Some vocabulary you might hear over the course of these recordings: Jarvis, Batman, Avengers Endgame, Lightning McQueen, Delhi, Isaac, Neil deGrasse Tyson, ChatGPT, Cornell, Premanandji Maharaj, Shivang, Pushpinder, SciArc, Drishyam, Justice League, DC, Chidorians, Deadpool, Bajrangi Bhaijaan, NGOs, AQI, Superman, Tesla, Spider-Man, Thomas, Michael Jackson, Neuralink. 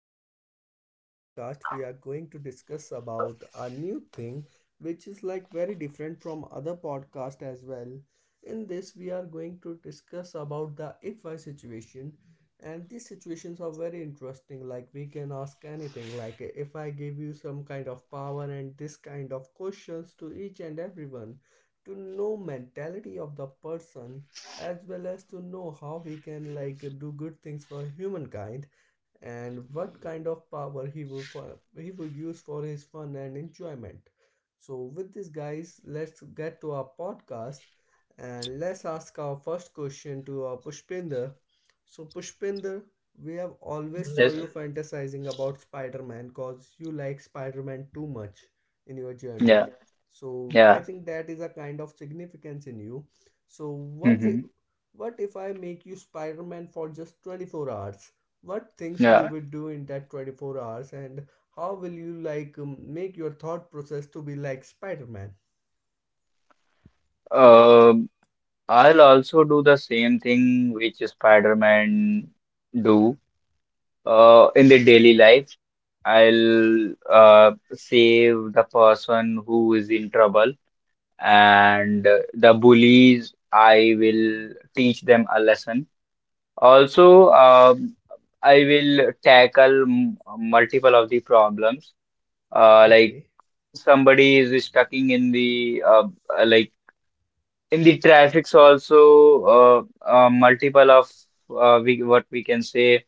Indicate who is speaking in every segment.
Speaker 1: And in this podcast, we are going to discuss about a new thing which is like very different from other podcast as well. In this, we are going to discuss about the if I situation. And these situations are very interesting. Like, we can ask anything. Like, if I give you some kind of power and this kind of questions to each and everyone to know mentality of the person as well as to know how he can like do good things for humankind and what kind of power he would for, he would use for his fun and enjoyment. So with this guys, let's get to our podcast and let's ask our first question to Pushpinder. So Pushpinder, we have always saw
Speaker 2: Yes.
Speaker 1: you fantasizing about Spider-Man cause you like Spider-Man too much in your journey.
Speaker 2: Yeah.
Speaker 1: So I
Speaker 2: Yeah.
Speaker 1: think that is a kind of significance in you. So what
Speaker 2: hmm
Speaker 1: what if I make you Spider Man for just 24 hours? What things you
Speaker 2: Yeah.
Speaker 1: would do in that 24 hours, and how will you like make your thought process to be like Spider Man?
Speaker 2: Um, I'll also do the same thing which Spider-Man do in the daily life. I'll save the person who is in trouble and the bullies. I will teach them a lesson. Also, I will tackle m multiple of the problems. Like
Speaker 1: Okay,
Speaker 2: somebody is stuck in the like in the traffics, also uh, multiple of, we what we can say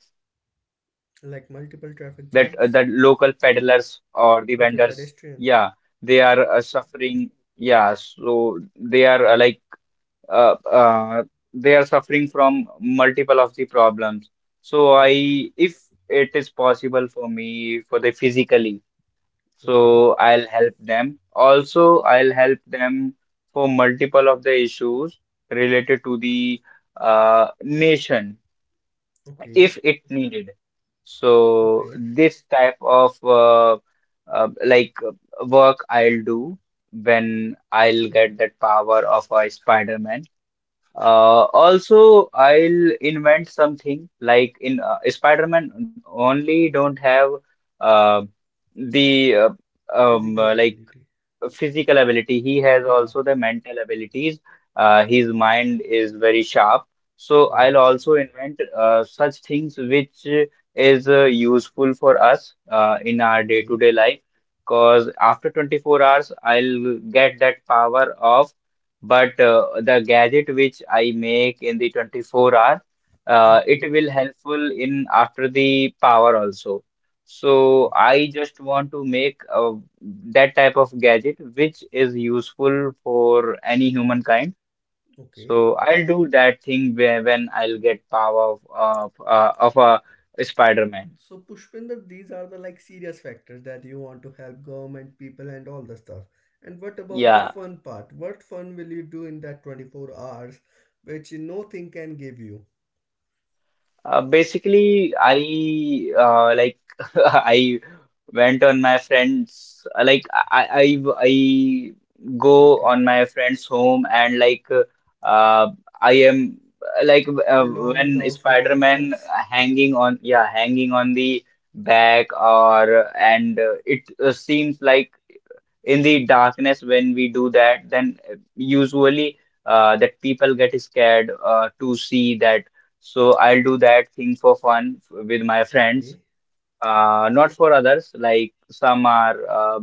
Speaker 2: that that
Speaker 1: like
Speaker 2: local
Speaker 1: multiple
Speaker 2: peddlers
Speaker 1: traffic jams.
Speaker 2: or the vendors, yeah,
Speaker 1: Okay,
Speaker 2: they are
Speaker 1: pedestrian.
Speaker 2: suffering, yeah, so they are uh, uh, they are suffering from multiple of the problems. So
Speaker 1: Right.
Speaker 2: I, if it is possible for me for the physically,
Speaker 1: Okay.
Speaker 2: so I'll help them. Also, I'll help them for multiple of the issues related to the nation
Speaker 1: Okay.
Speaker 2: if it needed. So
Speaker 1: Okay.
Speaker 2: this type of uh, like uh, work I'll do when I'll get that power of a Spider-Man. Also, I'll invent something like, in Spider-Man only, don't have uh, the
Speaker 1: Physical
Speaker 2: like
Speaker 1: ability.
Speaker 2: physical ability. He has
Speaker 1: Yeah.
Speaker 2: also the mental abilities. His mind is very sharp. So I'll
Speaker 1: Right.
Speaker 2: also invent such things which is useful for us in our
Speaker 1: Okay.
Speaker 2: day-to-day life. Because after 24 hours, I'll get that power off. But the gadget which I make in the 24 hour,
Speaker 1: Okay.
Speaker 2: it will helpful in after the power also. So
Speaker 1: Okay.
Speaker 2: I just want to make that type of gadget which is useful for any humankind.
Speaker 1: Okay.
Speaker 2: So I'll do that thing where when I'll get power of a Spider-Man.
Speaker 1: So Pushpinder, these are the like serious factors that you want to help government people and all the stuff. And what about the
Speaker 2: Yeah.
Speaker 1: fun part? What fun will you do in that 24 hours which nothing can give you?
Speaker 2: Basically, I like I went on my friends, like I go
Speaker 1: Okay.
Speaker 2: on my friend's home and like I am like
Speaker 1: Fill all his
Speaker 2: when
Speaker 1: house with like
Speaker 2: Spider-Man
Speaker 1: webs.
Speaker 2: hanging on, yeah, hanging on the back or, and it seems like in the darkness when we do that, then usually that people get scared to see that, so I'll do that thing for fun with my friends,
Speaker 1: Okay.
Speaker 2: not for others. Like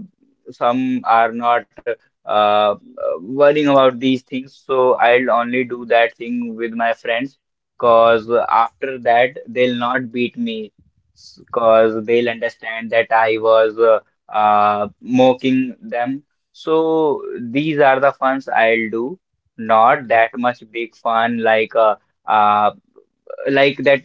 Speaker 2: some are not uh, worrying about these things, so I'll only do that thing with my friends, cause after that they'll not beat me. Cause
Speaker 1: Okay.
Speaker 2: they'll understand that I was mocking them. So these are the funs I'll do, not
Speaker 1: Okay.
Speaker 2: that much big fun uh, like that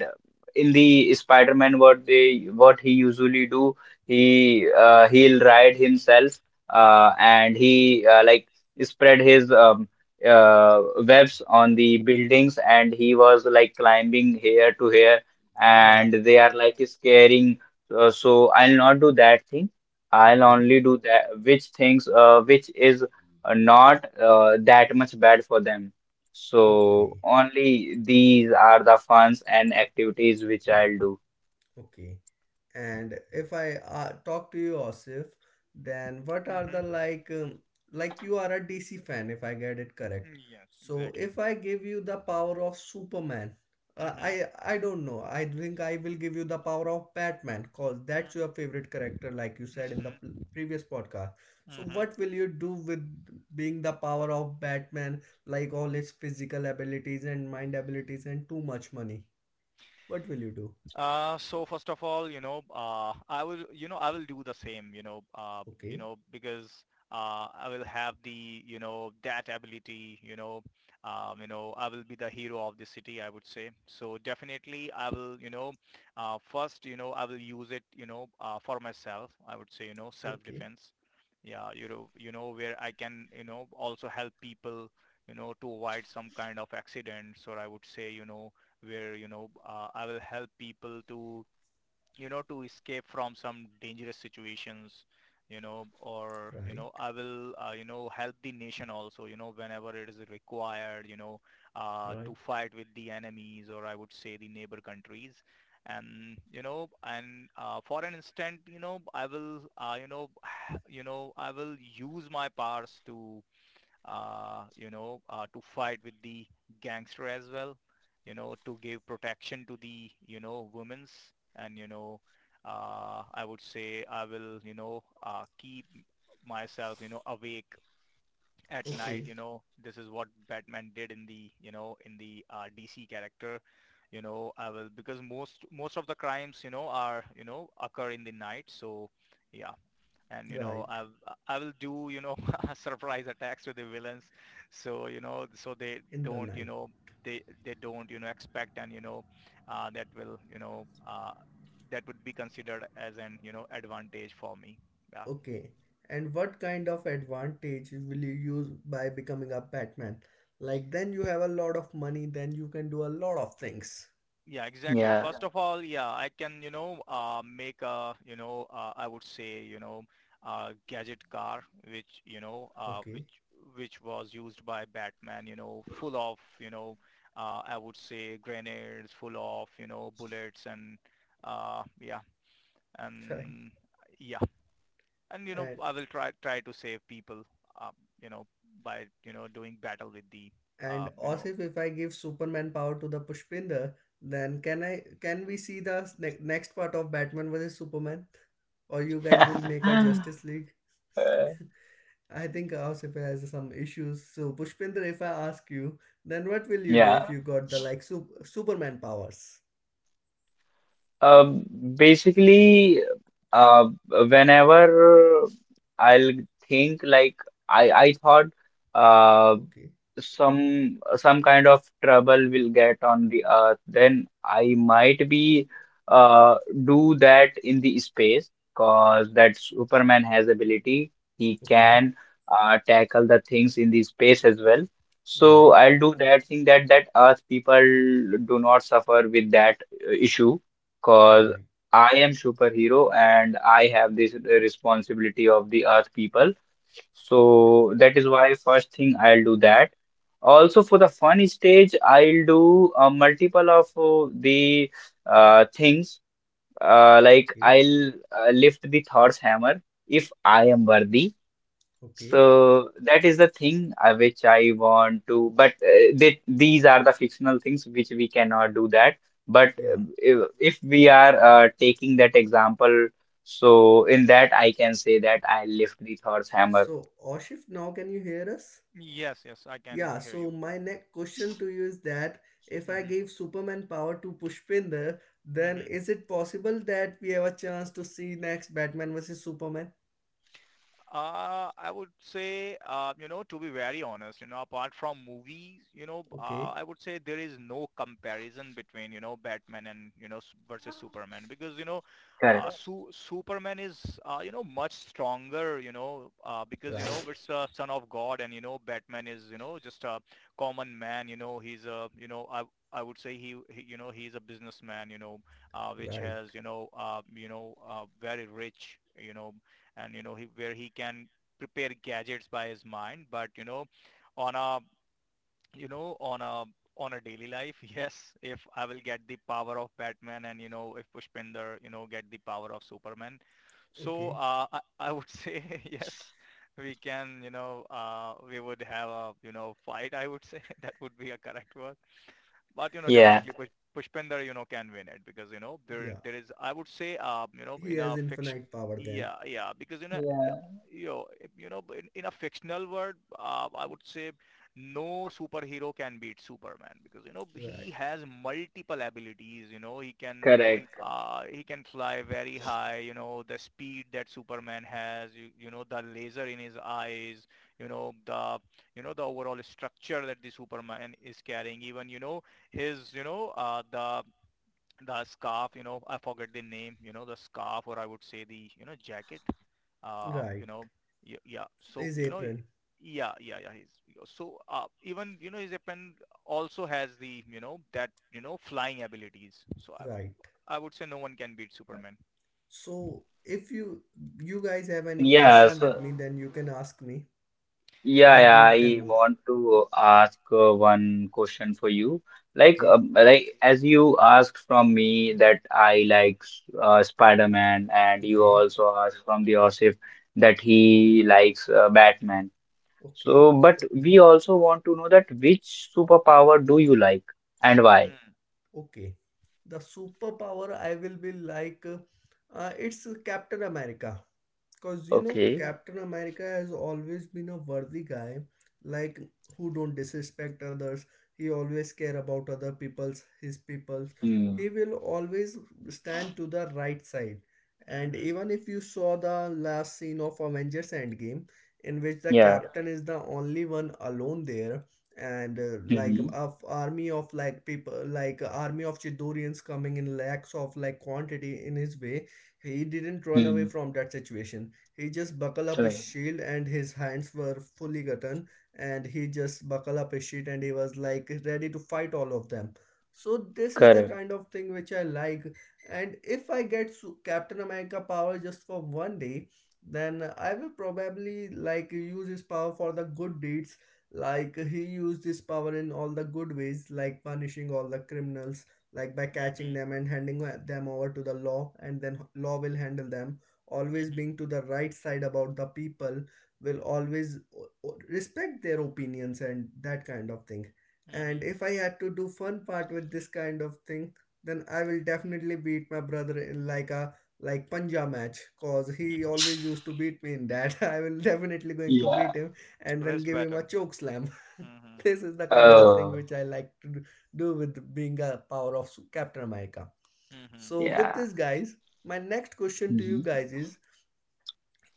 Speaker 2: in the Spider-Man, what they what he usually do. He he'll ride himself and he like spread his webs on the buildings and he was like climbing here to here and
Speaker 1: Right.
Speaker 2: they are like scaring, so I'll not do that thing. I'll
Speaker 1: Okay.
Speaker 2: only do that which things which is not that much bad for them. So
Speaker 1: Okay.
Speaker 2: only these are the funs and activities which I'll do.
Speaker 1: Okay. And if I talk to you, Osif, then what are the
Speaker 3: Mm-hmm.
Speaker 1: like you are a DC fan, if I get it correct.
Speaker 3: Mm, Yes,
Speaker 1: So
Speaker 3: exactly.
Speaker 1: if I give you the power of Superman, uh,
Speaker 3: Mm-hmm.
Speaker 1: I I don't know. I think I will give you the power of Batman, cause that's
Speaker 3: Mm,
Speaker 1: your favorite character, like you said in the
Speaker 3: Mm-hmm.
Speaker 1: previous podcast. So
Speaker 3: Mm-hmm.
Speaker 1: what will you do with being the power of Batman, like all his physical abilities and mind abilities and too much money? What will you do?
Speaker 3: So first of all, I will, I will do the same,
Speaker 1: Okay,
Speaker 3: because I will have the that ability, I will be the hero of the city, I would say. So definitely, I will, first, I will use it, for myself. I would say,
Speaker 1: okay.
Speaker 3: self-defense. Yeah, where I can, also help people, to avoid some kind of accidents, or I would say, you know, where you know I will help people to to escape from some dangerous situations you know or you
Speaker 1: Right,
Speaker 3: know I will help the nation also whenever it is required to
Speaker 1: right?
Speaker 3: fight with the enemies, or I would say the neighbor countries. And for an instant, I will I will use my powers to to fight with the gangster as well, to give protection to the women's, and, I would say I will, keep myself, awake at night.
Speaker 1: Okay,
Speaker 3: This is what Batman did in the in the DC character, I will, because most of the crimes, occur in the night. So yeah, and you know
Speaker 1: right,
Speaker 3: i i will do surprise attacks to the villains, so so they
Speaker 1: in the
Speaker 3: don't you
Speaker 1: night.
Speaker 3: know they they don't expect, and that will that would be considered as an advantage for me. Yeah.
Speaker 1: Okay, and what kind of advantage will you use by becoming a Batman? Like, then you have a lot of money, then you can do a lot of things.
Speaker 2: Yeah.
Speaker 1: Okay, right, and and also if I give Superman power to the Pushpinder, then can we see the next part of Batman versus Superman? Or you guys will make a Justice League?
Speaker 2: Uh,
Speaker 1: I think Asif has some issues. So, Pushpinder, if I ask you, then what will you do if
Speaker 2: yeah.
Speaker 1: you got the like Superman powers?
Speaker 2: Uh, Basically, uh, whenever I'll think, like I thought uh
Speaker 1: Okay,
Speaker 2: some kind of trouble will get on the earth, then I might be uh do that in the space, because that Superman has ability. He
Speaker 1: okay,
Speaker 2: can tackle the things in the space as well. So
Speaker 1: right,
Speaker 2: I'll do that thing, that that Earth people do not suffer with that issue, because
Speaker 1: right,
Speaker 2: I am superhero and I have this responsibility of the earth people.
Speaker 1: yeah,
Speaker 2: So that is why first thing I'll do that. Also for the fun stage, I'll do a multiple of the things like
Speaker 1: okay,
Speaker 2: I'll lift the Thor's hammer if I am worthy.
Speaker 1: okay,
Speaker 2: So that is the thing which I want to, but these are the fictional things which we cannot do that. But
Speaker 1: yeah.
Speaker 2: if we are taking that example, so in that I can say that I lift the Thor's hammer.
Speaker 1: So, Asif, now can you hear us?
Speaker 3: Yes, yes, I can
Speaker 1: Yeah,
Speaker 3: hear
Speaker 1: so
Speaker 3: you.
Speaker 1: my next question to you is that if
Speaker 3: Yeah.
Speaker 1: I
Speaker 3: Mm-hmm.
Speaker 1: give Superman power to Pushpinder, then
Speaker 3: Mm-hmm.
Speaker 1: is it possible that we have a chance to see next Batman versus Superman?
Speaker 3: I would say, to be very honest, apart from movies,
Speaker 1: Okay,
Speaker 3: I would say there is no comparison between, Batman and, versus Superman, because, you know,
Speaker 2: Correct.
Speaker 3: Su Superman is, much stronger, because,
Speaker 1: right,
Speaker 3: it's a son of God, and, Batman is, just a common man. He's a, I would say he's a businessman, which
Speaker 1: right,
Speaker 3: has, very rich, and he, where he can prepare gadgets by his mind, but on a on a on a daily life. Yes, if I will get the power of Batman, and if Pushpinder get the power of Superman, so
Speaker 1: okay,
Speaker 3: I would say yes, we can we would have a fight, I would say that would be a correct word. But
Speaker 2: Yeah.
Speaker 3: definitely Pushpinder, can win it because you know there
Speaker 1: yeah.
Speaker 3: there is, I would say,
Speaker 1: He
Speaker 3: in a
Speaker 1: has
Speaker 3: fiction.
Speaker 1: infinite power then.
Speaker 3: Yeah, yeah, because
Speaker 2: Yeah,
Speaker 3: you know, in a fictional world, I would say no superhero can beat Superman because
Speaker 1: Right.
Speaker 3: he has multiple abilities. He can
Speaker 2: correct.
Speaker 3: he can fly very high. The speed that Superman has. The laser in his eyes. You know the the overall structure that the Superman is carrying. Even his, the scarf, I forget the name, the scarf, or I would say the, jacket, uh,
Speaker 1: Right.
Speaker 3: you know, yeah. So,
Speaker 1: His apron.
Speaker 3: yeah. He's so even his weapon also has the that flying abilities. So I,
Speaker 1: Right.
Speaker 3: I would say no one can beat Superman.
Speaker 1: So if you guys have any
Speaker 2: Yeah.
Speaker 1: question with
Speaker 2: So
Speaker 1: me then you can ask me
Speaker 2: yeah,
Speaker 1: or we
Speaker 2: yeah,
Speaker 1: can
Speaker 2: I
Speaker 1: move.
Speaker 2: want to ask one question for you.
Speaker 1: Okay.
Speaker 2: Like as you asked from me that I like Spider-Man, and you
Speaker 1: Okay.
Speaker 2: also asked from the Osif that he likes Batman.
Speaker 1: Okay.
Speaker 2: So, but we also want to know that which superpower do you like and why?
Speaker 3: Mm,
Speaker 1: Okay. The superpower I will be like it's Captain America. Cause you know,
Speaker 2: Okay.
Speaker 1: Captain America has always been a worthy guy, like who don't disrespect others. He always care about other people's his people's.
Speaker 2: Hmm.
Speaker 1: He will always stand to the right side. And
Speaker 3: mhm,
Speaker 1: even if you saw the last scene of Avengers Endgame, in which the
Speaker 2: Yeah.
Speaker 1: captain is the only one alone there, and like a
Speaker 2: Mm-hmm.
Speaker 1: army of like people, like a army of Chidorians coming in lakhs of like quantity in his way, he didn't run away
Speaker 2: Hmm.
Speaker 1: from that situation. He just buckled up his
Speaker 2: Correct.
Speaker 1: shield and his hands were fully gotten, and he just buckled up his shield and he was like ready to fight all of them. So this is the
Speaker 2: Correct.
Speaker 1: kind of thing which I like. And if I get Captain America power just for one day, then I will probably like use his power for the good deeds. Like he used his power in all the good ways, like punishing all the criminals, like by catching
Speaker 3: mhm,
Speaker 1: them and handing them over to the law, and then law will handle them, always
Speaker 3: mhm,
Speaker 1: being to the right side about the people, will always respect their opinions and that kind of thing. And
Speaker 3: mhm.
Speaker 1: if I had to do fun part with this kind of thing, then I will definitely beat my brother in like a panja match cause he always used to beat me in that. I will definitely going to
Speaker 2: Yeah.
Speaker 1: beat him and then
Speaker 3: Wrist
Speaker 1: give him a
Speaker 3: battle.
Speaker 1: choke slam.
Speaker 3: Mhm,
Speaker 1: This is the kind of thing
Speaker 2: Oh.
Speaker 1: which I like to do with being a power of Captain America.
Speaker 3: mhm,
Speaker 1: So with
Speaker 2: Yeah.
Speaker 1: this guys, my next question to you
Speaker 2: hmm
Speaker 1: guys is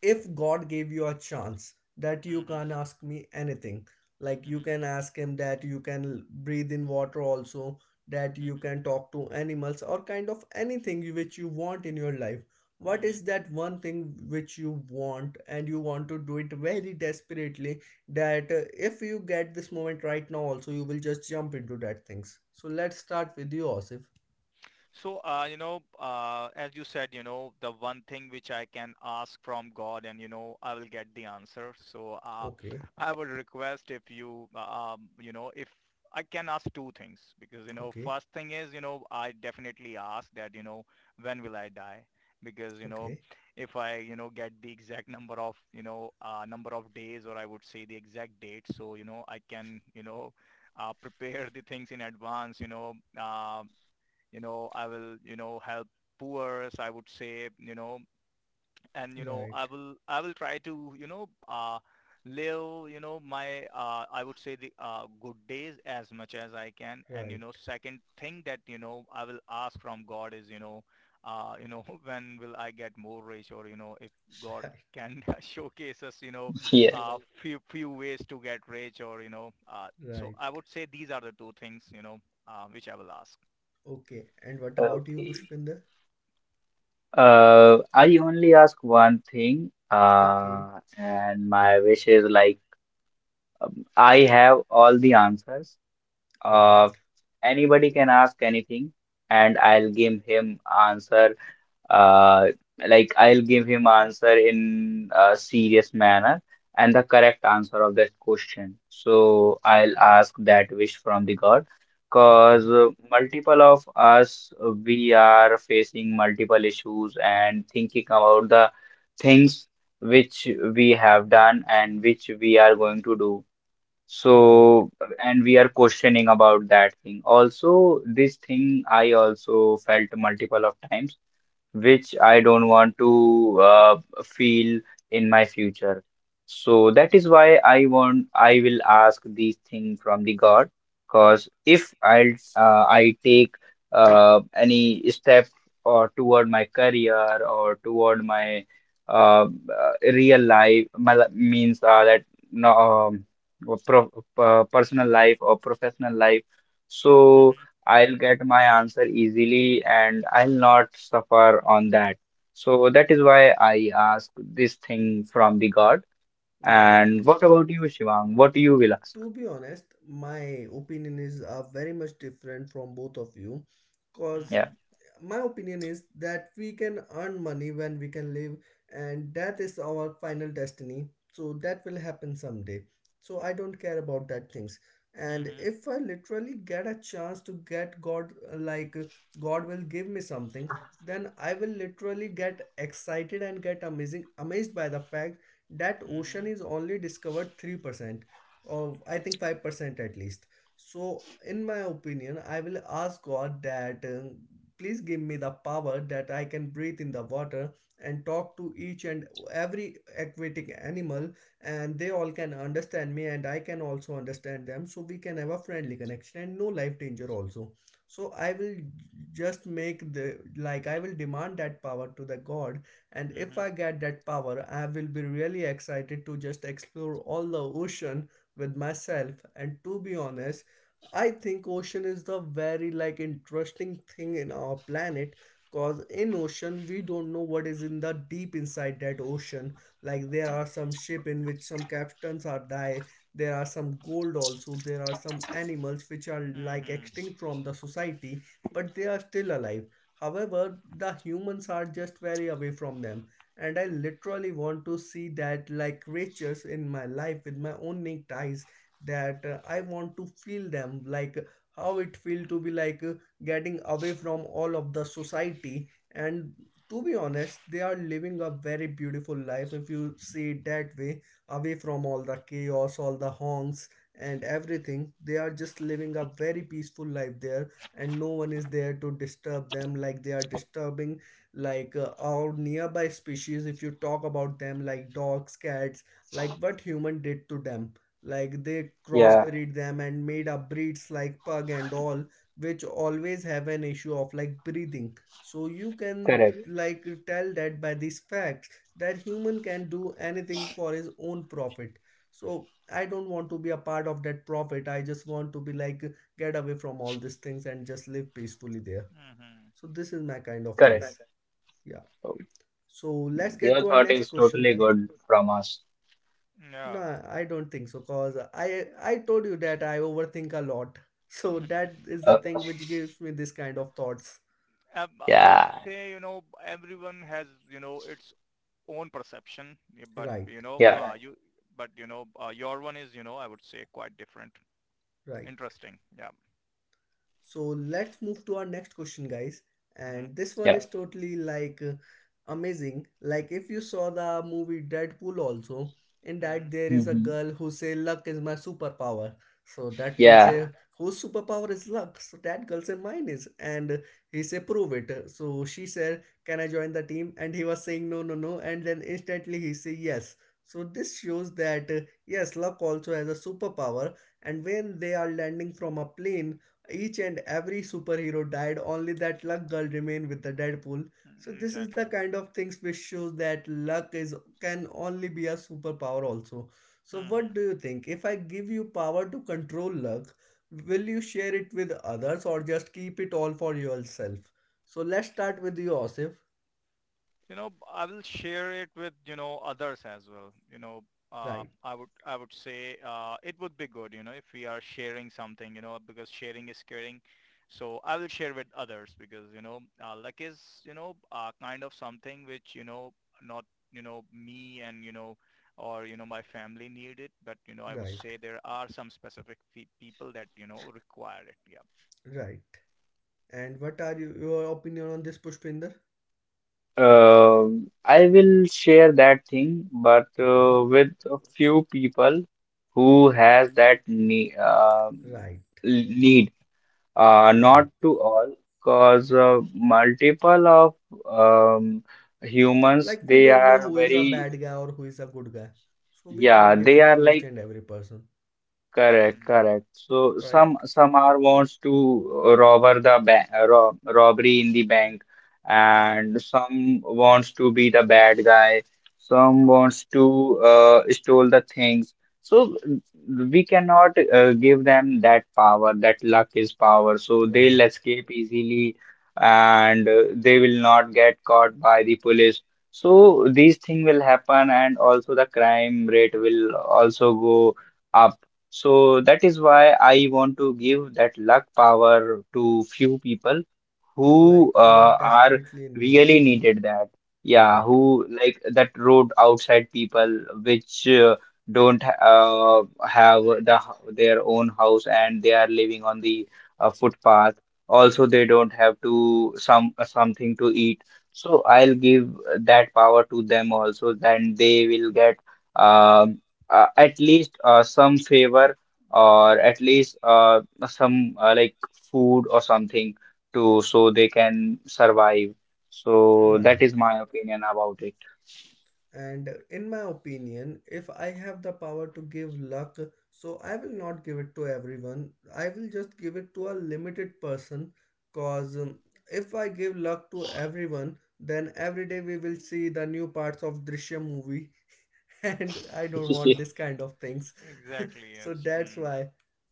Speaker 1: if God gave you a chance that you
Speaker 3: mhm,
Speaker 1: can ask me anything, like you
Speaker 3: mhm,
Speaker 1: can ask him that you can breathe in water also, that you can
Speaker 3: mhm,
Speaker 1: talk to animals or kind of anything which you want in your life, what
Speaker 3: mhm,
Speaker 1: is that one thing which you want and you want to do it very desperately that if you get this moment right now also you will just jump into that things. So let's start with you, Osif.
Speaker 3: So, as you said, the one thing which I can ask from God, and, I will get the answer. So,
Speaker 1: Okay,
Speaker 3: I would request if you, if I can ask two things. Because,
Speaker 1: okay,
Speaker 3: first thing is, I definitely ask that, when will I die? Because,
Speaker 1: okay.
Speaker 3: if I, get the exact number of, number of days, or I would say the exact date. So, I can, prepare the things in advance, I will help poors, I would say. You know and
Speaker 1: Right,
Speaker 3: I will, I will try to live my I would say the good days as much as I can. And
Speaker 1: right.
Speaker 3: second thing that I will ask from God is, when will I get more rich? Or if God can showcase us
Speaker 2: Yeah.
Speaker 3: few ways to get rich. Or so
Speaker 1: Right.
Speaker 3: I would say these are the two things which I will ask.
Speaker 1: Okay. And what about you,
Speaker 2: Okay.
Speaker 1: Pushpinder?
Speaker 2: I only ask one thing,
Speaker 1: Okay.
Speaker 2: and my wish is like, I have all the answers.
Speaker 3: Hmm.
Speaker 1: Right.
Speaker 2: Uh, Anybody can ask anything, and I'll give him answer uh, like I'll give him answer in a serious manner and the correct answer of that question. So I'll ask that wish from the God, cause
Speaker 1: Okay.
Speaker 2: multiple of us, we are facing multiple issues and thinking about the things which we have done and which we are going to do.
Speaker 1: Right.
Speaker 2: So, and we are questioning about that thing. Also, this thing I also felt multiple of times which I don't want to feel in my future. So that is why I will ask these things from the God, because if I I take any step or toward my career or toward my real life, means that, no pro, personal life or professional life. So
Speaker 3: Hmm.
Speaker 2: I'll get my answer easily and I'll not suffer on that. So that is why I ask this thing from the God.
Speaker 1: Right.
Speaker 2: And what about you, Shivang? What you will ask?
Speaker 1: To be honest, my opinion is very much different from both of you because
Speaker 2: Yeah.
Speaker 3: Mhm.
Speaker 1: my opinion is that we can earn money when we can live, and that is our final destiny, so that will happen someday, so I don't care about that things. And
Speaker 3: Mhm.
Speaker 1: if I literally get a chance to get God, like God will give me something, then I will literally get excited and get amazing amazed by the fact that
Speaker 3: Mhm.
Speaker 1: ocean is only discovered 3% or I think 5% at least. So, in my opinion, I will ask God that please give me the power that I can breathe in the water and talk to each and every aquatic animal, and they all can understand me, and I can also understand them. So, we can have a friendly connection and no life danger also. So, I will just make the like I will demand that power to the God, and if
Speaker 3: Mhm.
Speaker 1: I get that power, I will be really excited to just explore all the ocean with myself. And to be honest, I think ocean is the very like interesting thing in our planet, cause in ocean we don't know what is in the deep inside that ocean. Like there are some ship in which some captains are die, there are some gold also, there are some animals which are like
Speaker 3: Mhm.
Speaker 1: extinct from the society but they are still alive, however the humans are just very away from them. And I literally want to see that like riches in my life with my own naked eyes, that I want to feel them like how it feel to be like getting away from all of the society. And to be honest, they are living a very beautiful life, if you see it that way, away from all the chaos, all the honks and everything. They are just living a very peaceful life there, and no one is there to disturb them, like they are disturbing like our nearby species. If you talk about them like dogs, cats, like what human did to them, like they
Speaker 2: Yeah,
Speaker 1: crossbreed them and made up breeds like pug and all which always have an issue of like breathing. So you can
Speaker 2: correct,
Speaker 1: like tell that by these facts that human can do anything for his own profit. So I don't want to be a part of that profit, I just want to be like get away from all these things and just live peacefully there.
Speaker 3: Mhm.
Speaker 1: So this is my kind of things.
Speaker 2: correct.
Speaker 1: Yeah,
Speaker 2: So
Speaker 1: so let's get
Speaker 2: your
Speaker 1: to our
Speaker 2: thought
Speaker 1: next
Speaker 2: is
Speaker 1: question,
Speaker 2: totally
Speaker 1: guys.
Speaker 2: good from us.
Speaker 3: Yeah.
Speaker 1: No, I don't think so, cause I told you that I overthink a lot. So that is the
Speaker 2: Uh,
Speaker 1: thing which gives me this kind of thoughts.
Speaker 3: Um, I would
Speaker 2: Yeah,
Speaker 3: say, everyone has, its own perception, but
Speaker 1: Right,
Speaker 2: yeah,
Speaker 3: but your one is, I would say quite different.
Speaker 1: right.
Speaker 3: Interesting. Yeah.
Speaker 1: So let's move to our next question, guys.
Speaker 3: Mhm.
Speaker 1: And this one
Speaker 2: yeah.
Speaker 1: is totally like amazing. Like if you saw the movie Deadpool also, in that
Speaker 3: Mhm.
Speaker 1: there is a
Speaker 2: Mhm.
Speaker 1: girl who say luck is my superpower. So
Speaker 3: Mhm.
Speaker 1: Deadpool
Speaker 2: Yeah.
Speaker 1: say whose superpower is luck? So that girl say mine is, and he say prove it. So she said, can I join the team? And he was saying no, no, no, and then instantly he say yes. So this shows that yes, luck also has a superpower. And when they are landing from a plane, each and every superhero died, only that luck girl remained with the Deadpool. So
Speaker 3: Mm,
Speaker 1: this is the
Speaker 3: Exactly.
Speaker 1: kind of things which shows that luck is can only be a superpower also. So what
Speaker 3: Mhm.
Speaker 1: do you think, if I give you power to control luck, will you share it with others or just keep it all for yourself? So let's start with you, Osif.
Speaker 3: I will share it.
Speaker 1: Right, right, right. And what are you, your opinion on this, Pushpinder?
Speaker 2: I will share that thing, but
Speaker 1: Okay,
Speaker 2: with a few people who has that ne
Speaker 1: right,
Speaker 2: need.
Speaker 1: right.
Speaker 2: Not to all, because multiple of um, humans,
Speaker 1: Like we
Speaker 2: they
Speaker 1: don't know
Speaker 2: are
Speaker 1: who is a
Speaker 2: very,
Speaker 1: bad guy or who is a good guy. So we can't
Speaker 2: yeah,
Speaker 1: give
Speaker 2: they
Speaker 1: it
Speaker 2: are
Speaker 1: to each
Speaker 2: like,
Speaker 1: and every person.
Speaker 2: correct,
Speaker 3: Mm,
Speaker 2: correct. So
Speaker 1: Right.
Speaker 2: some are wants to robber the bank, robbery in the bank,
Speaker 3: mhm,
Speaker 2: and some wants to be the bad guy. Some wants to stole the things. So we cannot give them that power. That luck is power. So they'll
Speaker 1: Right.
Speaker 2: escape easily, and they will not get caught by the police. So these things will happen, and also the crime rate will also go up. So that is why I want to give that luck power to few people who
Speaker 1: Like who are
Speaker 2: are
Speaker 1: desperately in need.
Speaker 2: really needed that. Yeah,
Speaker 1: Right.
Speaker 2: who like that road outside people which don't have the their own house and they are living on the footpath. Also, they don't have to some something to eat. So I'll give that power to them also. Then they will get um at least some favor or at least some like food or something to, so they can survive. So that
Speaker 1: Right.
Speaker 2: is
Speaker 3: mm.
Speaker 2: my opinion about it.
Speaker 1: And in my opinion, if I have the power to give luck, so I will not give it to everyone. I will just give it to a limited person cause if I give luck to everyone, then every day we will see the new parts of Drishyam movie and I don't want this kind of things.
Speaker 3: Exactly,
Speaker 1: So
Speaker 3: yes.
Speaker 1: that's
Speaker 3: Mm.
Speaker 1: why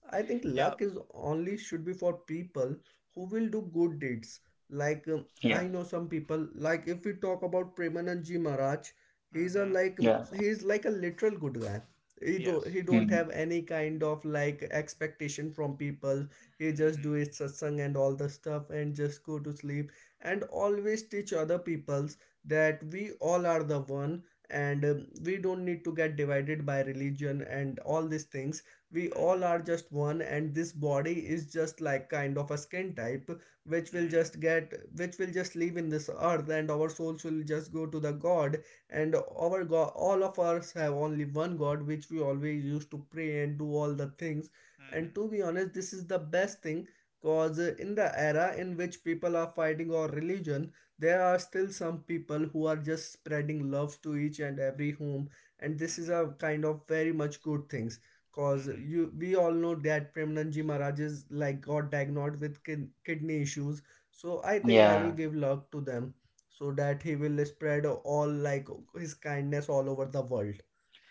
Speaker 1: I think
Speaker 3: Yeah.
Speaker 1: luck is only should be for people who will do good deeds. Like
Speaker 2: Yeah.
Speaker 1: I know some people. Like if we talk about Premanandji Maharaj, he's a
Speaker 3: Mhm.
Speaker 1: like
Speaker 2: Yeah.
Speaker 1: he's like a literal good guy. He do
Speaker 3: Yes.
Speaker 1: he don't
Speaker 2: Hmm.
Speaker 1: have any kind of like expectation from people. He just do
Speaker 3: Mhm.
Speaker 1: his satsang and all the stuff and just go to sleep and always teach other peoples that we all are the one, and we don't need to get divided by religion and all these things. We
Speaker 3: Mhm.
Speaker 1: all are just one, and this body is just like kind of a skin type which will
Speaker 3: Mhm.
Speaker 1: just get which will just live in this earth, and our souls will just go to the god, and our god all of us have only one god which we always used to pray and do all the things. And
Speaker 3: Mhm.
Speaker 1: to be honest, this is the best thing cause in the era in which people are fighting our religion, there are still some people who are just spreading love to each and every home. And this is
Speaker 3: Mhm.
Speaker 1: a kind of very much good things. Cause
Speaker 3: Mhm.
Speaker 1: you, we all know that Premananji Maharaj is like got diagnosed with kidney issues. So I think I will
Speaker 2: Yeah.
Speaker 1: give love to them, so that he will spread all like his kindness all over the world.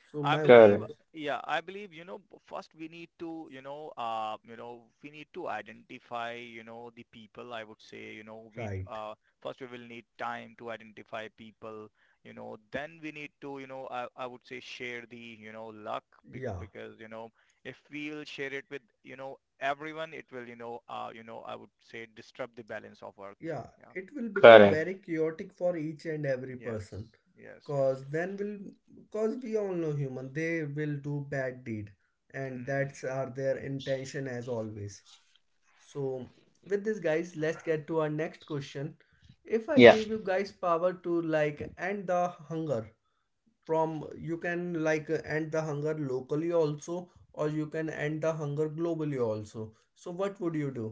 Speaker 1: So
Speaker 3: I
Speaker 1: my
Speaker 3: believe,
Speaker 1: opinion
Speaker 2: Correct.
Speaker 1: is
Speaker 3: yeah, I believe, first we need to, we need to identify, the people. I would say, we
Speaker 1: right.
Speaker 3: first we will need time to identify people. Then we need to, I would say share the, luck,
Speaker 1: Yeah.
Speaker 3: because, if we will share it with, everyone, it will, I would say disrupt the balance of earth.
Speaker 1: Yeah,
Speaker 3: Yeah.
Speaker 1: it will become
Speaker 2: Correct.
Speaker 1: very chaotic for each and every
Speaker 3: Yes.
Speaker 1: person
Speaker 3: Yes. Yes.
Speaker 1: cause
Speaker 3: Yes.
Speaker 1: then will cause we all know human they will do bad deed and that's
Speaker 3: Hmm.
Speaker 1: are their intention as always. So with this, guys, let's get to our next question. If I
Speaker 2: Yeah.
Speaker 1: gave you guys power to like end the hunger, from you can like end the hunger locally also, or you can end the hunger globally also. So what would you do?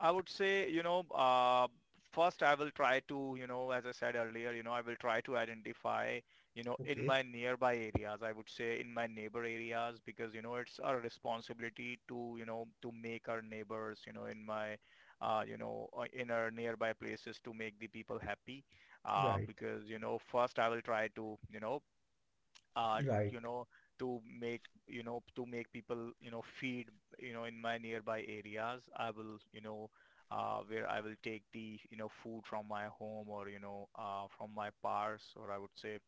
Speaker 3: I would say, first I will try to, as I said earlier, I will try to identify, in
Speaker 1: Okay,
Speaker 3: my nearby areas, I would say in my neighbor areas, because, it's our responsibility to, to make our neighbors, you know, in my, you know, in our nearby places, to make the people happy.
Speaker 1: right,
Speaker 3: Because, first I will try to, uh,
Speaker 1: right,
Speaker 3: you know, to make, to make people, feed, in my nearby areas. I will, where I will take the, food from my home, or, from my parks, or I would say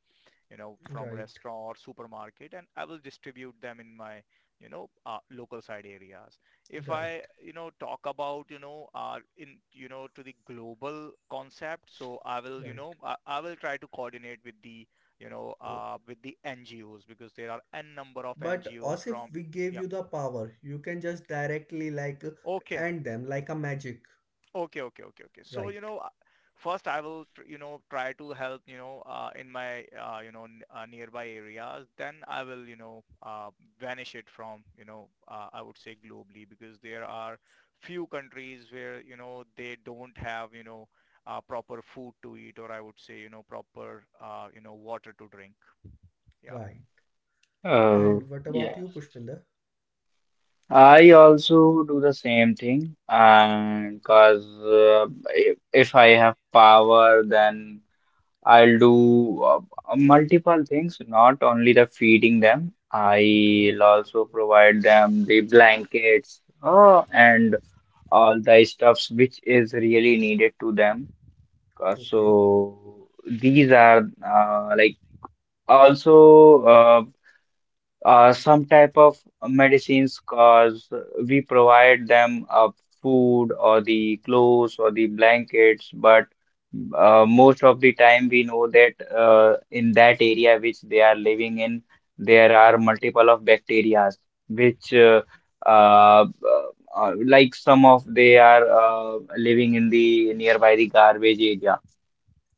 Speaker 3: from
Speaker 1: right.
Speaker 3: restaurant or supermarket, and I will distribute them in my, local side areas. If
Speaker 1: Right,
Speaker 3: I, talk about, to the global concept, so I will, you
Speaker 1: right.
Speaker 3: know, I, I will try to coordinate with the,
Speaker 1: Uh,
Speaker 3: with the NGOs, because there are n number of
Speaker 1: But
Speaker 3: NGOs
Speaker 1: as if
Speaker 3: from,
Speaker 1: we gave
Speaker 3: yeah.
Speaker 1: you the power, you can just directly like
Speaker 3: Okay.
Speaker 1: end them like a magic.
Speaker 3: Okay. So,
Speaker 1: Right,
Speaker 3: first I will, try to help, you know, in my, you know, n nearby areas. Then I will, banish it from, I would say globally, because there are few countries where, they don't have, proper food to eat, or I would say, proper, water to drink. Yeah,
Speaker 1: right.
Speaker 3: yeah.
Speaker 2: Oh,
Speaker 1: And what
Speaker 2: yeah.
Speaker 1: about you, Pushpinder?
Speaker 2: I also do the same thing, and because if if I have power, then I'll do multiple things, not only the feeding them.
Speaker 1: Okay,
Speaker 2: I'll also provide them the blankets and all the stuffs which is really needed to them.
Speaker 1: okay.
Speaker 2: So these are like, also, some type of medicines, cause we provide them food or the clothes or the blankets, but most of the time we know that in that area which they are living in, there are multiple of bacteria, which uh, like some of they are living in the nearby the garbage area.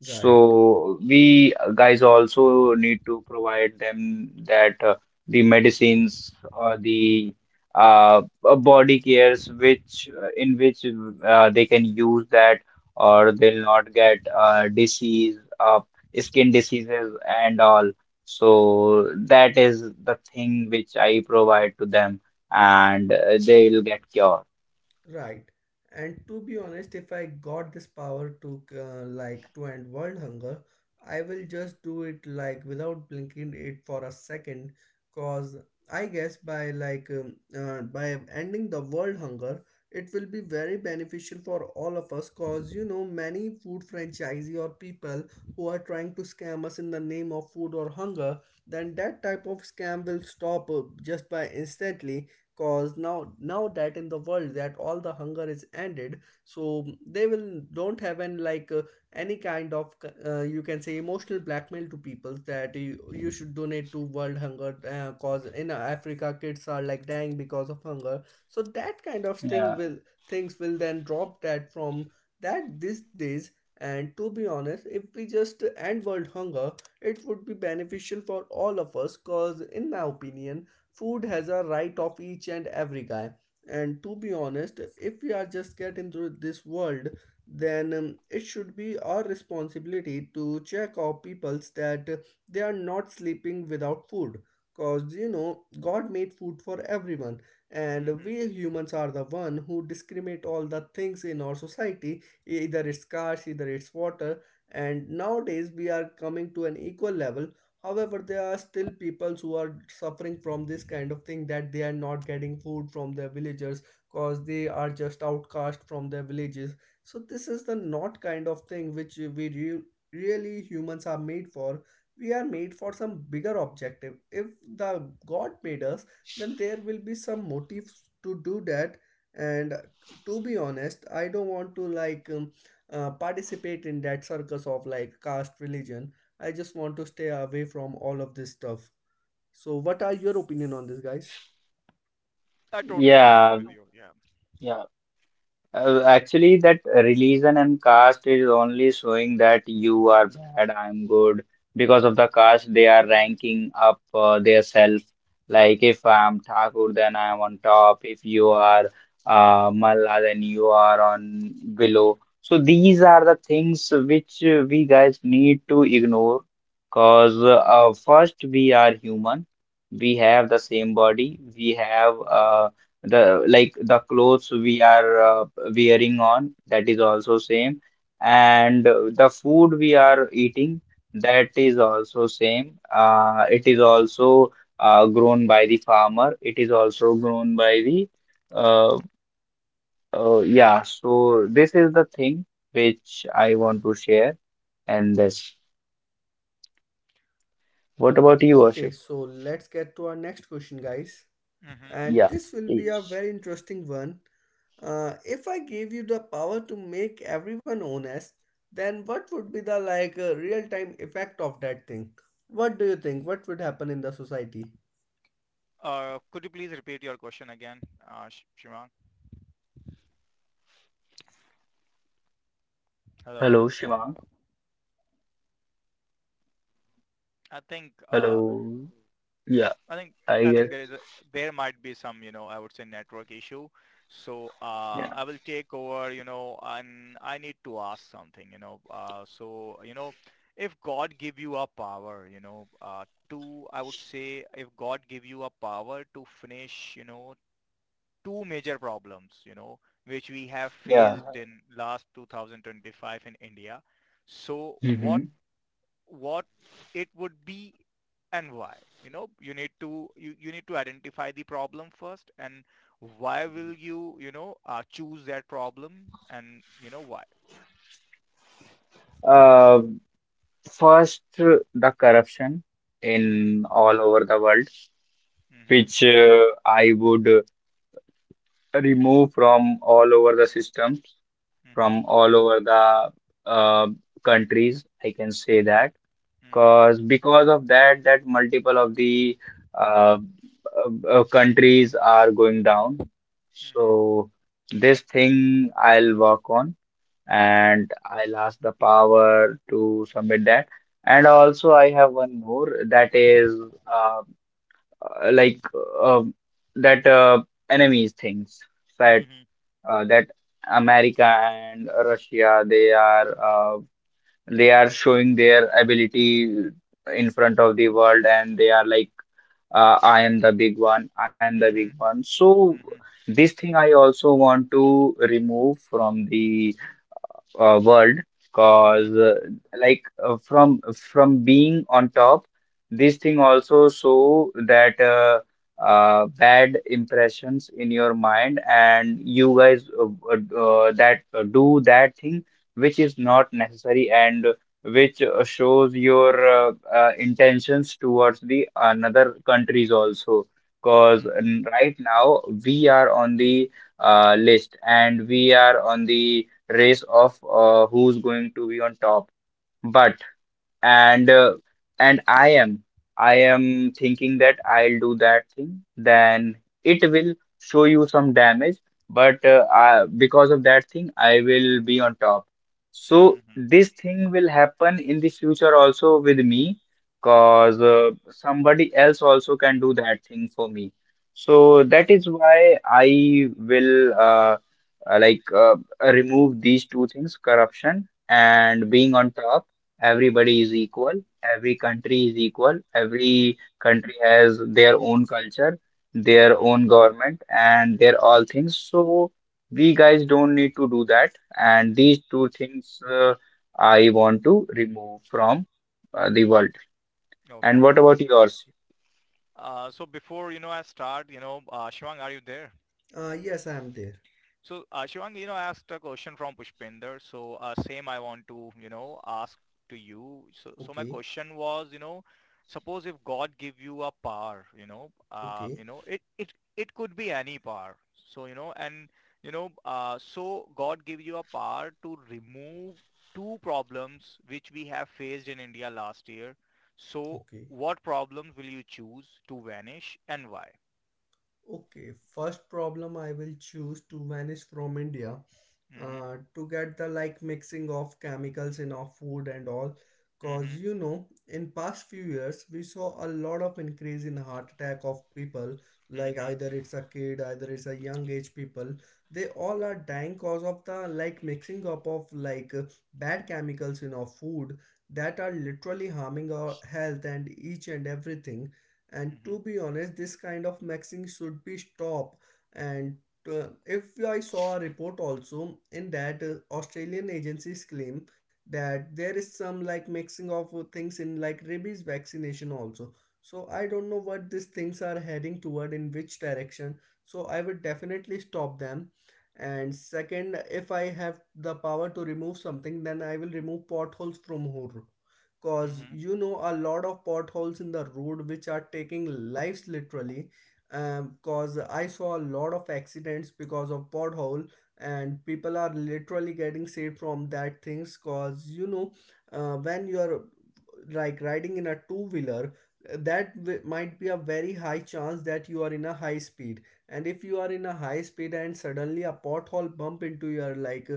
Speaker 1: Right.
Speaker 2: So we guys also need to provide them that the medicines or the uh, body cares which in which they can use that or they'll not get disease, skin diseases and all. So that is the thing which I provide to them and they will get cured.
Speaker 1: Right. And to be honest, if I got this power to like to end world hunger, I will just do it like without blinking it for a second. Cause I guess by like by ending the world hunger, it will be very beneficial for all of us. Cause you know, many food franchisee or people who are trying to scam us in the name of food or hunger, then that type of scam will stop just by instantly, cause now that in the world that all the hunger is ended, so they will don't have an like any kind of you can say emotional blackmail to people that you should donate to world hunger, cause in Africa kids are like dying because of hunger. So that kind of
Speaker 2: Yeah.
Speaker 1: thing will things will then drop that from that these days. And to be honest, if we just end world hunger, it would be beneficial for all of us. Cause in my opinion, food has a right of each and every guy. And to be honest, if we are just get into this world, then it should be our responsibility to check our peoples that they are not sleeping without food. Cause you know, god made food for everyone, and we
Speaker 3: Hmm.
Speaker 1: humans are the one who discriminate all the things in our society, either it's cars, either it's water. And nowadays we are coming to an equal level. However, there are still people who are suffering from this kind of thing that they are not getting food from their villagers because they are just outcast from their villages. So this is the not kind of thing which we really humans are made for. We are made for some bigger objective. If the god made us, then there will be some motives to do that. And to be honest, I don't want to like participate in that circus of like caste religion. I just want to stay away from all of this stuff. So, what are your opinion on this, guys?
Speaker 3: I totally agreed
Speaker 2: Yeah.
Speaker 3: with you. Yeah.
Speaker 2: Yeah. Actually, that religion and caste is only showing that you are bad, I'm good. Because of the caste, they are ranking up their self. Like if I'm Thakur, then I'm on top. If you are Malla, then you are on below. So these are the things which we guys need to ignore. Cause first, we are human. We have the same body. We have the like the clothes we are wearing on, that is also same, and the food we are eating, that is also same. Uh, it is also grown by the farmer. It is also grown by the uh, yeah. So this is the thing which I want to share. And this, what about you,
Speaker 1: Okay,
Speaker 2: Worship?
Speaker 1: so let's get to our next question, guys.
Speaker 3: Hmm.
Speaker 2: Yeah,
Speaker 1: And this will be a
Speaker 2: please.
Speaker 1: very interesting one. If I gave you the power to make everyone honest, then what would be the like real time effect of that thing? What do you think? What would happen in the society?
Speaker 3: Could you please repeat your question again, Sh Shivang? Hello?
Speaker 2: Hello, Shima.
Speaker 3: I think uh,
Speaker 2: Hello. Yeah,
Speaker 3: I think
Speaker 2: I guess.
Speaker 3: there is a, there might be some I would say network issue. So
Speaker 2: Yeah.
Speaker 3: I will take over and I need to ask something. So if God give you a power to I would say if God give you a power to finish two major problems which we have
Speaker 2: Yeah.
Speaker 3: faced in last 2025 in India. So
Speaker 2: Hmm.
Speaker 3: what it would be and why. You need to you need to identify the problem first, and why will you you know choose that problem and why.
Speaker 2: Uh, First, the corruption
Speaker 3: Mhm,
Speaker 2: in all over the world,
Speaker 3: mhm,
Speaker 2: which I would remove from all over the systems,
Speaker 3: mhm,
Speaker 2: from all over the uh, countries. I can say that
Speaker 3: mhm,
Speaker 2: because of that, that multiple of the uh, countries are going down.
Speaker 3: mhm,
Speaker 2: So this thing I'll work on, and I'll ask the power to submit that. And also, I have one more that is uh, like uh, that enemies things that
Speaker 3: mhm,
Speaker 2: that America and Russia, they are showing their ability in front of the world, and they are like I am the big one, I am the
Speaker 3: mhm,
Speaker 2: big
Speaker 3: mhm,
Speaker 2: one. So this thing I also want to remove from the world,
Speaker 3: mhm, mhm,
Speaker 2: cause like from being on top. This thing also show that bad impressions in your mind, and you guys that do that thing which is not necessary, and which shows your intentions towards the another countries also,
Speaker 3: mhm,
Speaker 2: because
Speaker 3: mhm,
Speaker 2: right now we are on the list, and we are on the race of who's going to be on top. But and uh, and I am thinking that I'll do that thing,
Speaker 3: mhm,
Speaker 2: then it will show you some damage, but I, because of that thing, I will be on top. So
Speaker 3: mhm,
Speaker 2: this thing will happen in the future also with me, cause somebody else also can do that thing for me. So
Speaker 3: mhm,
Speaker 2: that is why I will like remove these two things, corruption and
Speaker 3: mhm,
Speaker 2: being on top. Everybody is equal. Every country is equal.
Speaker 3: mhm,
Speaker 2: Every country has their own culture, their
Speaker 3: mhm.
Speaker 2: own government, and their all things. So we guys don't need to do that. And these two things I want to remove from the world.
Speaker 3: Okay.
Speaker 2: And what about yours?
Speaker 3: So before I start, Shivang, are you there?
Speaker 1: Yes, I am there.
Speaker 3: So, Shivang, I asked a question from Pushpinder. So, same I want to, ask to you. So my
Speaker 1: Okay,
Speaker 3: question was, suppose if God give you a power,
Speaker 1: okay,
Speaker 3: it could be any power. So God gives you a power to remove two problems which we have faced in India last year. So,
Speaker 1: okay.
Speaker 3: what problems will you choose to vanish and why?
Speaker 1: Okay, first problem I will choose to vanish from India
Speaker 3: Mm-hmm,
Speaker 1: to get the like mixing of chemicals in our food and all. Cause
Speaker 3: mm-hmm,
Speaker 1: you know, in past few years we saw a lot of increase in heart attack of people. Like
Speaker 3: mm-hmm,
Speaker 1: either it's a kid, either it's a young age people. They all are dying cause of the like mixing up of like bad chemicals in our food that are literally harming our health and each and everything. And to
Speaker 3: mm-hmm,
Speaker 1: be honest, this kind of maxing should be stopped. And if I saw a report also, in that Australian agencies claim that there is some like mixing of things in like rabies vaccination also. So I don't know what these things are heading toward in which direction. So I would definitely stop them. And second, if I have the power to remove something, then I will remove potholes from road. Cause
Speaker 3: mm-hmm,
Speaker 1: you know, a lot of potholes in the road which are taking lives literally, cause I saw a lot of accidents because of pothole, and people are literally getting saved from that things. Cause you know, when you are like riding in a two wheeler, that might be a very high chance that you are in a high speed. And if you are in a high speed and suddenly a pothole bump into your like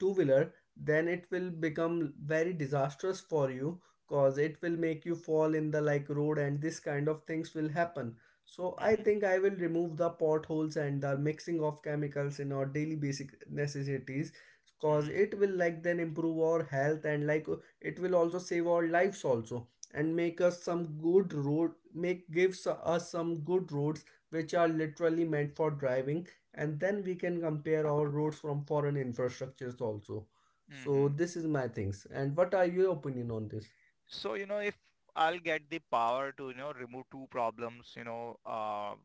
Speaker 1: two wheeler, then it will become very disastrous for you. Cause it will make you fall in the like road, and this kind of things will happen. So I
Speaker 3: mm-hmm.
Speaker 1: think I will remove the potholes and the mixing of chemicals in our daily basic necessities. Cause
Speaker 3: Mm-hmm.
Speaker 1: it will like then improve our health, and like it will also save our lives also, and make us some good road make gives us some good roads which are literally meant for driving. And then we can compare our roads from foreign infrastructures also. So
Speaker 3: Mm-hmm.
Speaker 1: this is my things. And what are your opinion on this?
Speaker 3: So, if I'll get the power to, remove two problems, you know, uh,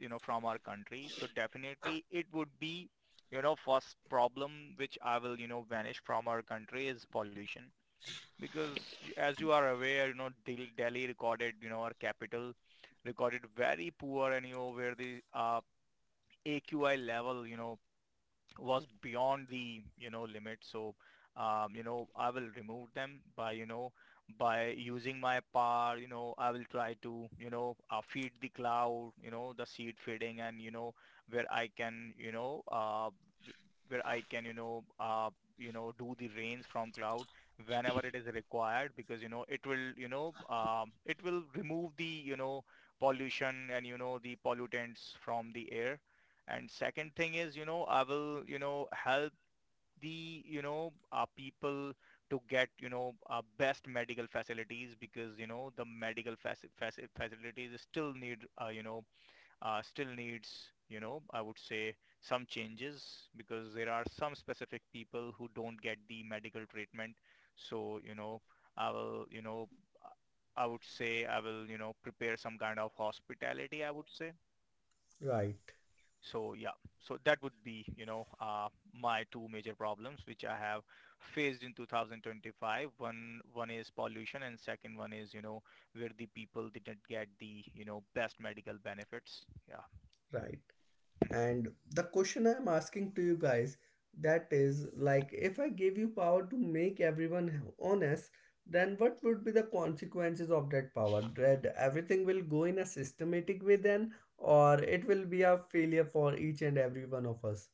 Speaker 3: you know, from our country, so definitely it would be, first problem which I will, vanish from our country is pollution. Because as you are aware, Delhi recorded, our capital recorded very poor and, where the AQI level, was beyond the limit. So I will remove them by by using my power. I will try to feed the cloud, the seed feeding, and where I can where I can do the rains from cloud whenever it is required, because it will it will remove the pollution and the pollutants from the air. And second thing is, I will, help the, people to get, best medical facilities, because, the medical facilities still need, still needs, I would say some changes, because there are some specific people who don't get the medical treatment. So, I will, I would say I will, prepare some kind of hospitality, I would say.
Speaker 1: Right,
Speaker 3: So yeah, so that would be, my two major problems which I have faced in 2025. One is pollution, and second one is, where the people didn't get the, best medical benefits. Yeah.
Speaker 1: right. And the question I'm asking to you guys that is like, if I gave you power to make everyone honest, then what would be the consequences of that power? That everything will go in a systematic way then, or it will be a failure for each and every one of us?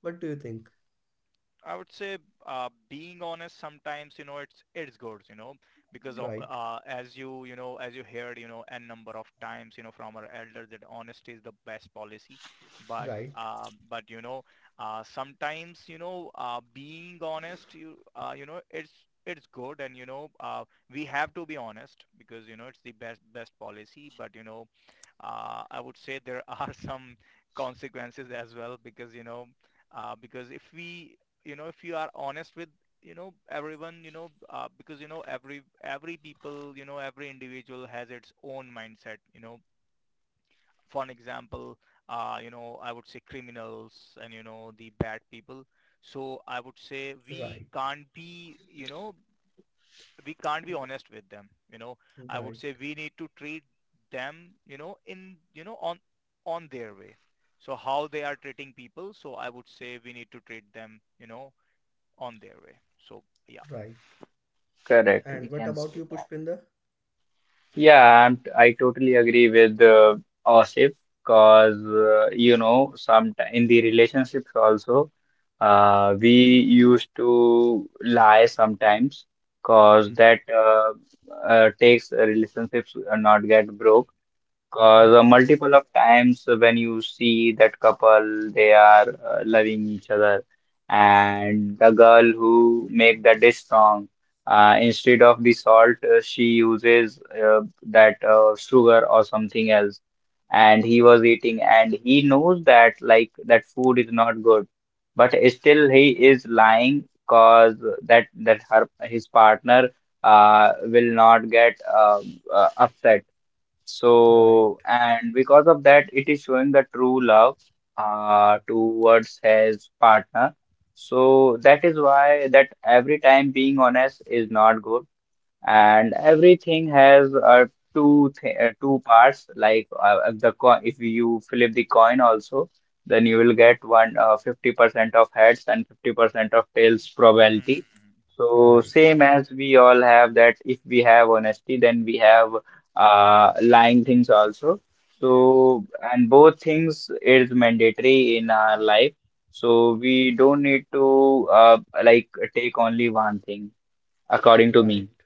Speaker 1: What do you think?
Speaker 3: I would say being honest sometimes, it's good, because
Speaker 1: Right,
Speaker 3: as you heard, n number of times, from our elder that honesty is the best policy.
Speaker 1: right,
Speaker 3: But sometimes being honest, it's good, and we have to be honest, because it's the best policy. But I would say there are some consequences as well, because because if we if you are honest with everyone, because every people, every individual has its own mindset. For an example I would say criminals and the bad people. So I would say we
Speaker 1: right,
Speaker 3: can't be we can't be honest with them. I would
Speaker 1: right,
Speaker 3: say we need to treat them in on their way. So how they are treating people, so I would say we need to treat them on their way. So yeah.
Speaker 1: right.
Speaker 2: Correct. We
Speaker 1: And what
Speaker 2: can say.
Speaker 1: about you, Pushpinder?
Speaker 2: Yeah, and I totally agree with Asif, because some in the relationships also, we used to lie sometimes, because
Speaker 3: Mm-hmm.
Speaker 2: that takes relationships not get broke. Because
Speaker 3: Mm-hmm.
Speaker 1: Right,
Speaker 2: multiple of times when you see that couple, they are loving each other, and the girl who make the dish song, instead of the salt, she uses that sugar or something else, and he was eating, and he knows that like that food is not good, but still he is lying, cause that her his partner will not get upset.
Speaker 1: right,
Speaker 2: So, and because of that, it is showing the true love towards his partner. So that is why that every time being honest is not good, and everything has two parts, like the coin. If you flip the coin also, then you will get one 50% of heads and 50% of tails probability.
Speaker 3: Mm-hmm.
Speaker 2: So
Speaker 1: right,
Speaker 2: same as we all have, that if we have honesty, then we have lying things also.
Speaker 3: Yes.
Speaker 2: So and both things is mandatory in our life, so we don't need to like take only one thing, according to me.
Speaker 1: right.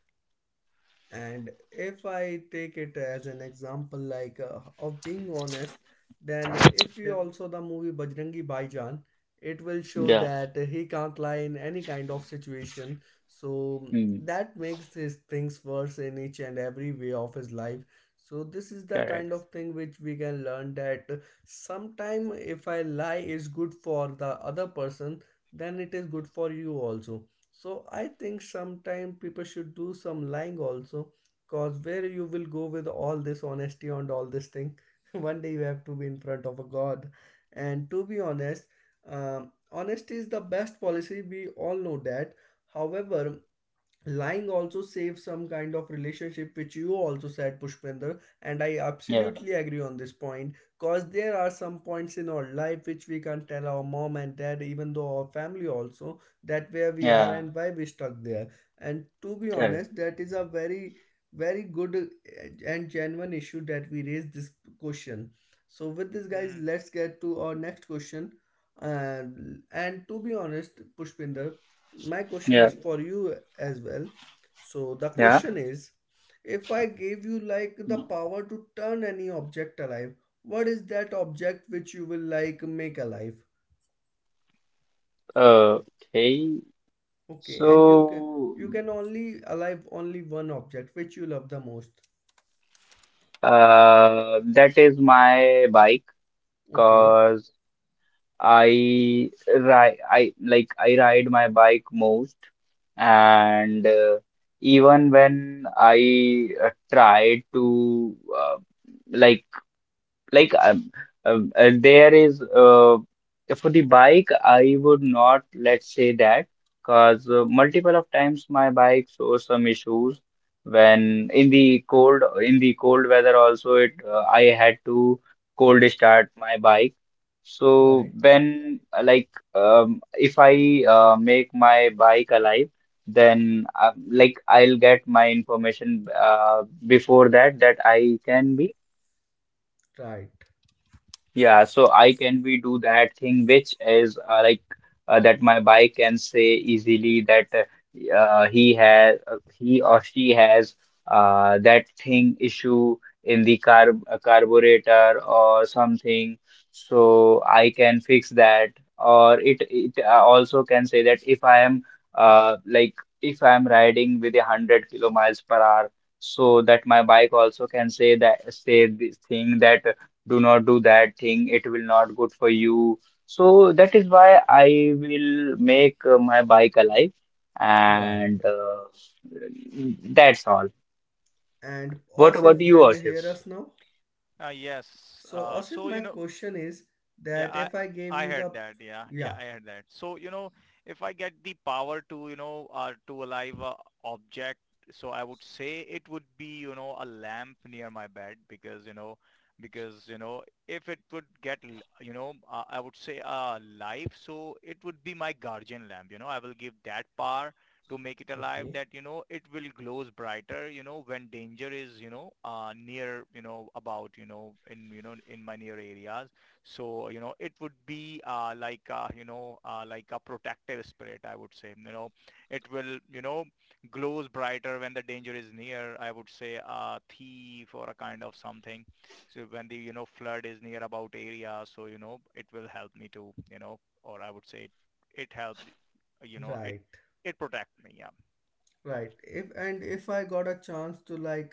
Speaker 1: And if I take it as an example like of being honest, then if you also the movie Bajrangi Bhaijaan, it will show
Speaker 2: Yeah.
Speaker 1: that he can't lie in any kind of situation. So
Speaker 2: Mm.
Speaker 1: that makes his things worse in each and every way of his life. So this is the kind
Speaker 2: Correct.
Speaker 1: of thing which we can learn, that sometime if I lie is good for the other person, then it is good for you also. So I think sometime people should do some lying also, cause where you will go with all this honesty and all this thing, one day you have to be in front of a god. And to be honest, honesty is the best policy. We all know that. However, lying also saves some kind of relationship which you also said, Pushpinder. And I
Speaker 2: Yeah.
Speaker 1: absolutely agree on this point, cause there are some points in our life which we can not tell our mom and dad, even though our family also, that where we are
Speaker 2: Yeah.
Speaker 1: and why we stuck there. And to be
Speaker 2: Correct.
Speaker 1: honest, that is a very good and genuine issue that we raised this question. So with this, guys,
Speaker 3: Mm-hmm.
Speaker 1: let's get to our next question. And to be honest, Pushpinder, my question
Speaker 2: Yeah.
Speaker 1: is for you as well. So the
Speaker 2: Yeah.
Speaker 1: question is, if I gave you like the
Speaker 2: Mm.
Speaker 1: power to turn any object alive, what is that object which you will like make alive?
Speaker 2: Okay.
Speaker 1: Okay, and you can
Speaker 2: So,
Speaker 1: you can only alive only one object which you love the most.
Speaker 2: uh, that is my bike,
Speaker 1: Okay,
Speaker 2: because I ride my bike most. And even when I tried to like like there is for the bike I would not, let's say that, because multiple of times my bike shows some issues. When in the cold weather also, it I had to cold start my bike. So
Speaker 1: right,
Speaker 2: when like if I make my bike alive, then like I'll get my information before that I can be.
Speaker 1: right,
Speaker 2: Yeah, so I can we do that thing which is like that my bike can say easily that he or she has that thing issue in the car, carburetor or something. So I can fix that, or it also can say that if I am like if I am riding with 100 kilo miles per hour, so that my bike also can say that, say this thing, that do not do that thing, it will not good for you. So that is why I will make my bike alive.
Speaker 1: right.
Speaker 2: And that's all.
Speaker 1: And
Speaker 2: What about
Speaker 1: Osif,
Speaker 2: you,
Speaker 1: can you
Speaker 2: Ashif?
Speaker 1: hear us now?
Speaker 3: Yes.
Speaker 1: So Osif, my question is
Speaker 3: Yeah,
Speaker 1: that
Speaker 3: I
Speaker 1: if I gave
Speaker 3: I
Speaker 1: you
Speaker 3: heard
Speaker 1: the
Speaker 3: that. Yeah, yeah,
Speaker 1: yeah,
Speaker 3: I heard that. So, if I get the power to, to alive a object, so I would say it would be, a lamp near my bed, because, because, if it would get, I would say life, so it would be my guardian lamp. I will give that power to make it alive
Speaker 1: okay,
Speaker 3: that, it will glows brighter, when danger is, near, about, in, in my near areas. So, it would be like, like a protective spirit, I would say. You know it will, glows brighter when the danger is near. I would say a thief or a kind of something. So when the, flood is near about area, so, it will help me to, or I would say it helped, you know, it,
Speaker 1: right.
Speaker 3: it protect me. Yeah.
Speaker 1: Right. If I got a chance to like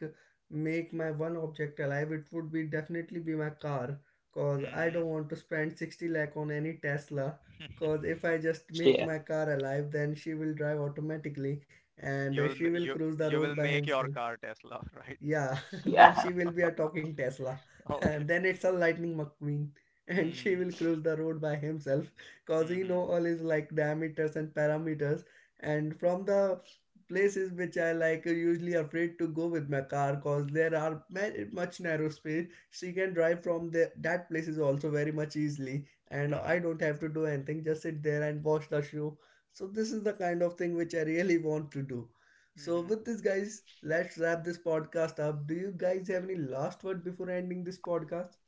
Speaker 1: make my one object alive, it would be definitely be my car. Cause I
Speaker 3: Hmm.
Speaker 1: don't want to spend 60 lakh on any Tesla. Cause if I just make
Speaker 2: Yeah,
Speaker 1: my car alive, then she will drive automatically and
Speaker 3: You will,
Speaker 1: she will cruise the
Speaker 3: you
Speaker 1: road
Speaker 3: will
Speaker 1: by
Speaker 3: make your
Speaker 1: himself.
Speaker 3: car Tesla, right?
Speaker 1: Yeah, then
Speaker 2: yeah,
Speaker 1: she will be a talking Tesla. And
Speaker 3: Okay.
Speaker 1: then it's a Lightning McQueen. And she will
Speaker 3: Hmm.
Speaker 1: cruise the road by himself because he know
Speaker 3: Hmm.
Speaker 1: all his like diameters and parameters. And from the places which I like usually afraid to go with my car because there are much narrow space, she can drive from the that places also very much easily. And I
Speaker 3: Mm-hmm.
Speaker 1: don't have to do anything, just sit there and watch the show. So this is the kind of thing which I really want to do. So,
Speaker 3: Mm-hmm.
Speaker 1: with this, guys, let's wrap this podcast up. Do you guys have any last word before ending this podcast?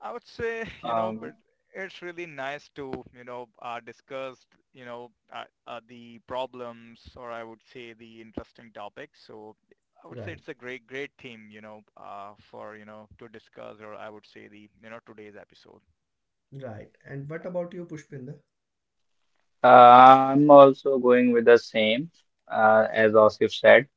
Speaker 3: I would say,
Speaker 2: um
Speaker 3: but it's really nice to, discuss, the problems, or I would say the interesting topics. So I would say
Speaker 1: Right,
Speaker 3: it's a great theme, for, to discuss, or I would say the, today's episode.
Speaker 1: right. And what
Speaker 3: Yeah.
Speaker 1: about you, Pushpinda?
Speaker 2: I'm also going with the same, as Asif said.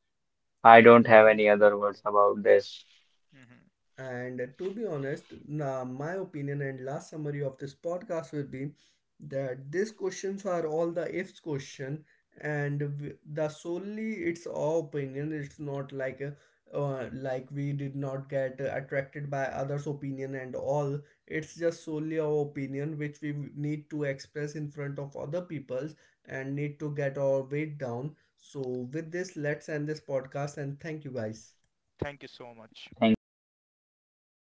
Speaker 2: I don't have
Speaker 1: Right.
Speaker 2: any other words about this.
Speaker 3: Mm-hmm.
Speaker 1: And to be honest, na my opinion and last summary of this podcast will be that these questions are all the ifs question, and the solely it's our opinion. It's not like a, like we did not get attracted by others' opinion and all. It's just solely our opinion which we need to express in front of other people's and need to get our weight down. So with this, let's end this podcast and thank you guys.
Speaker 3: Thank you so much.
Speaker 2: Thank you so much.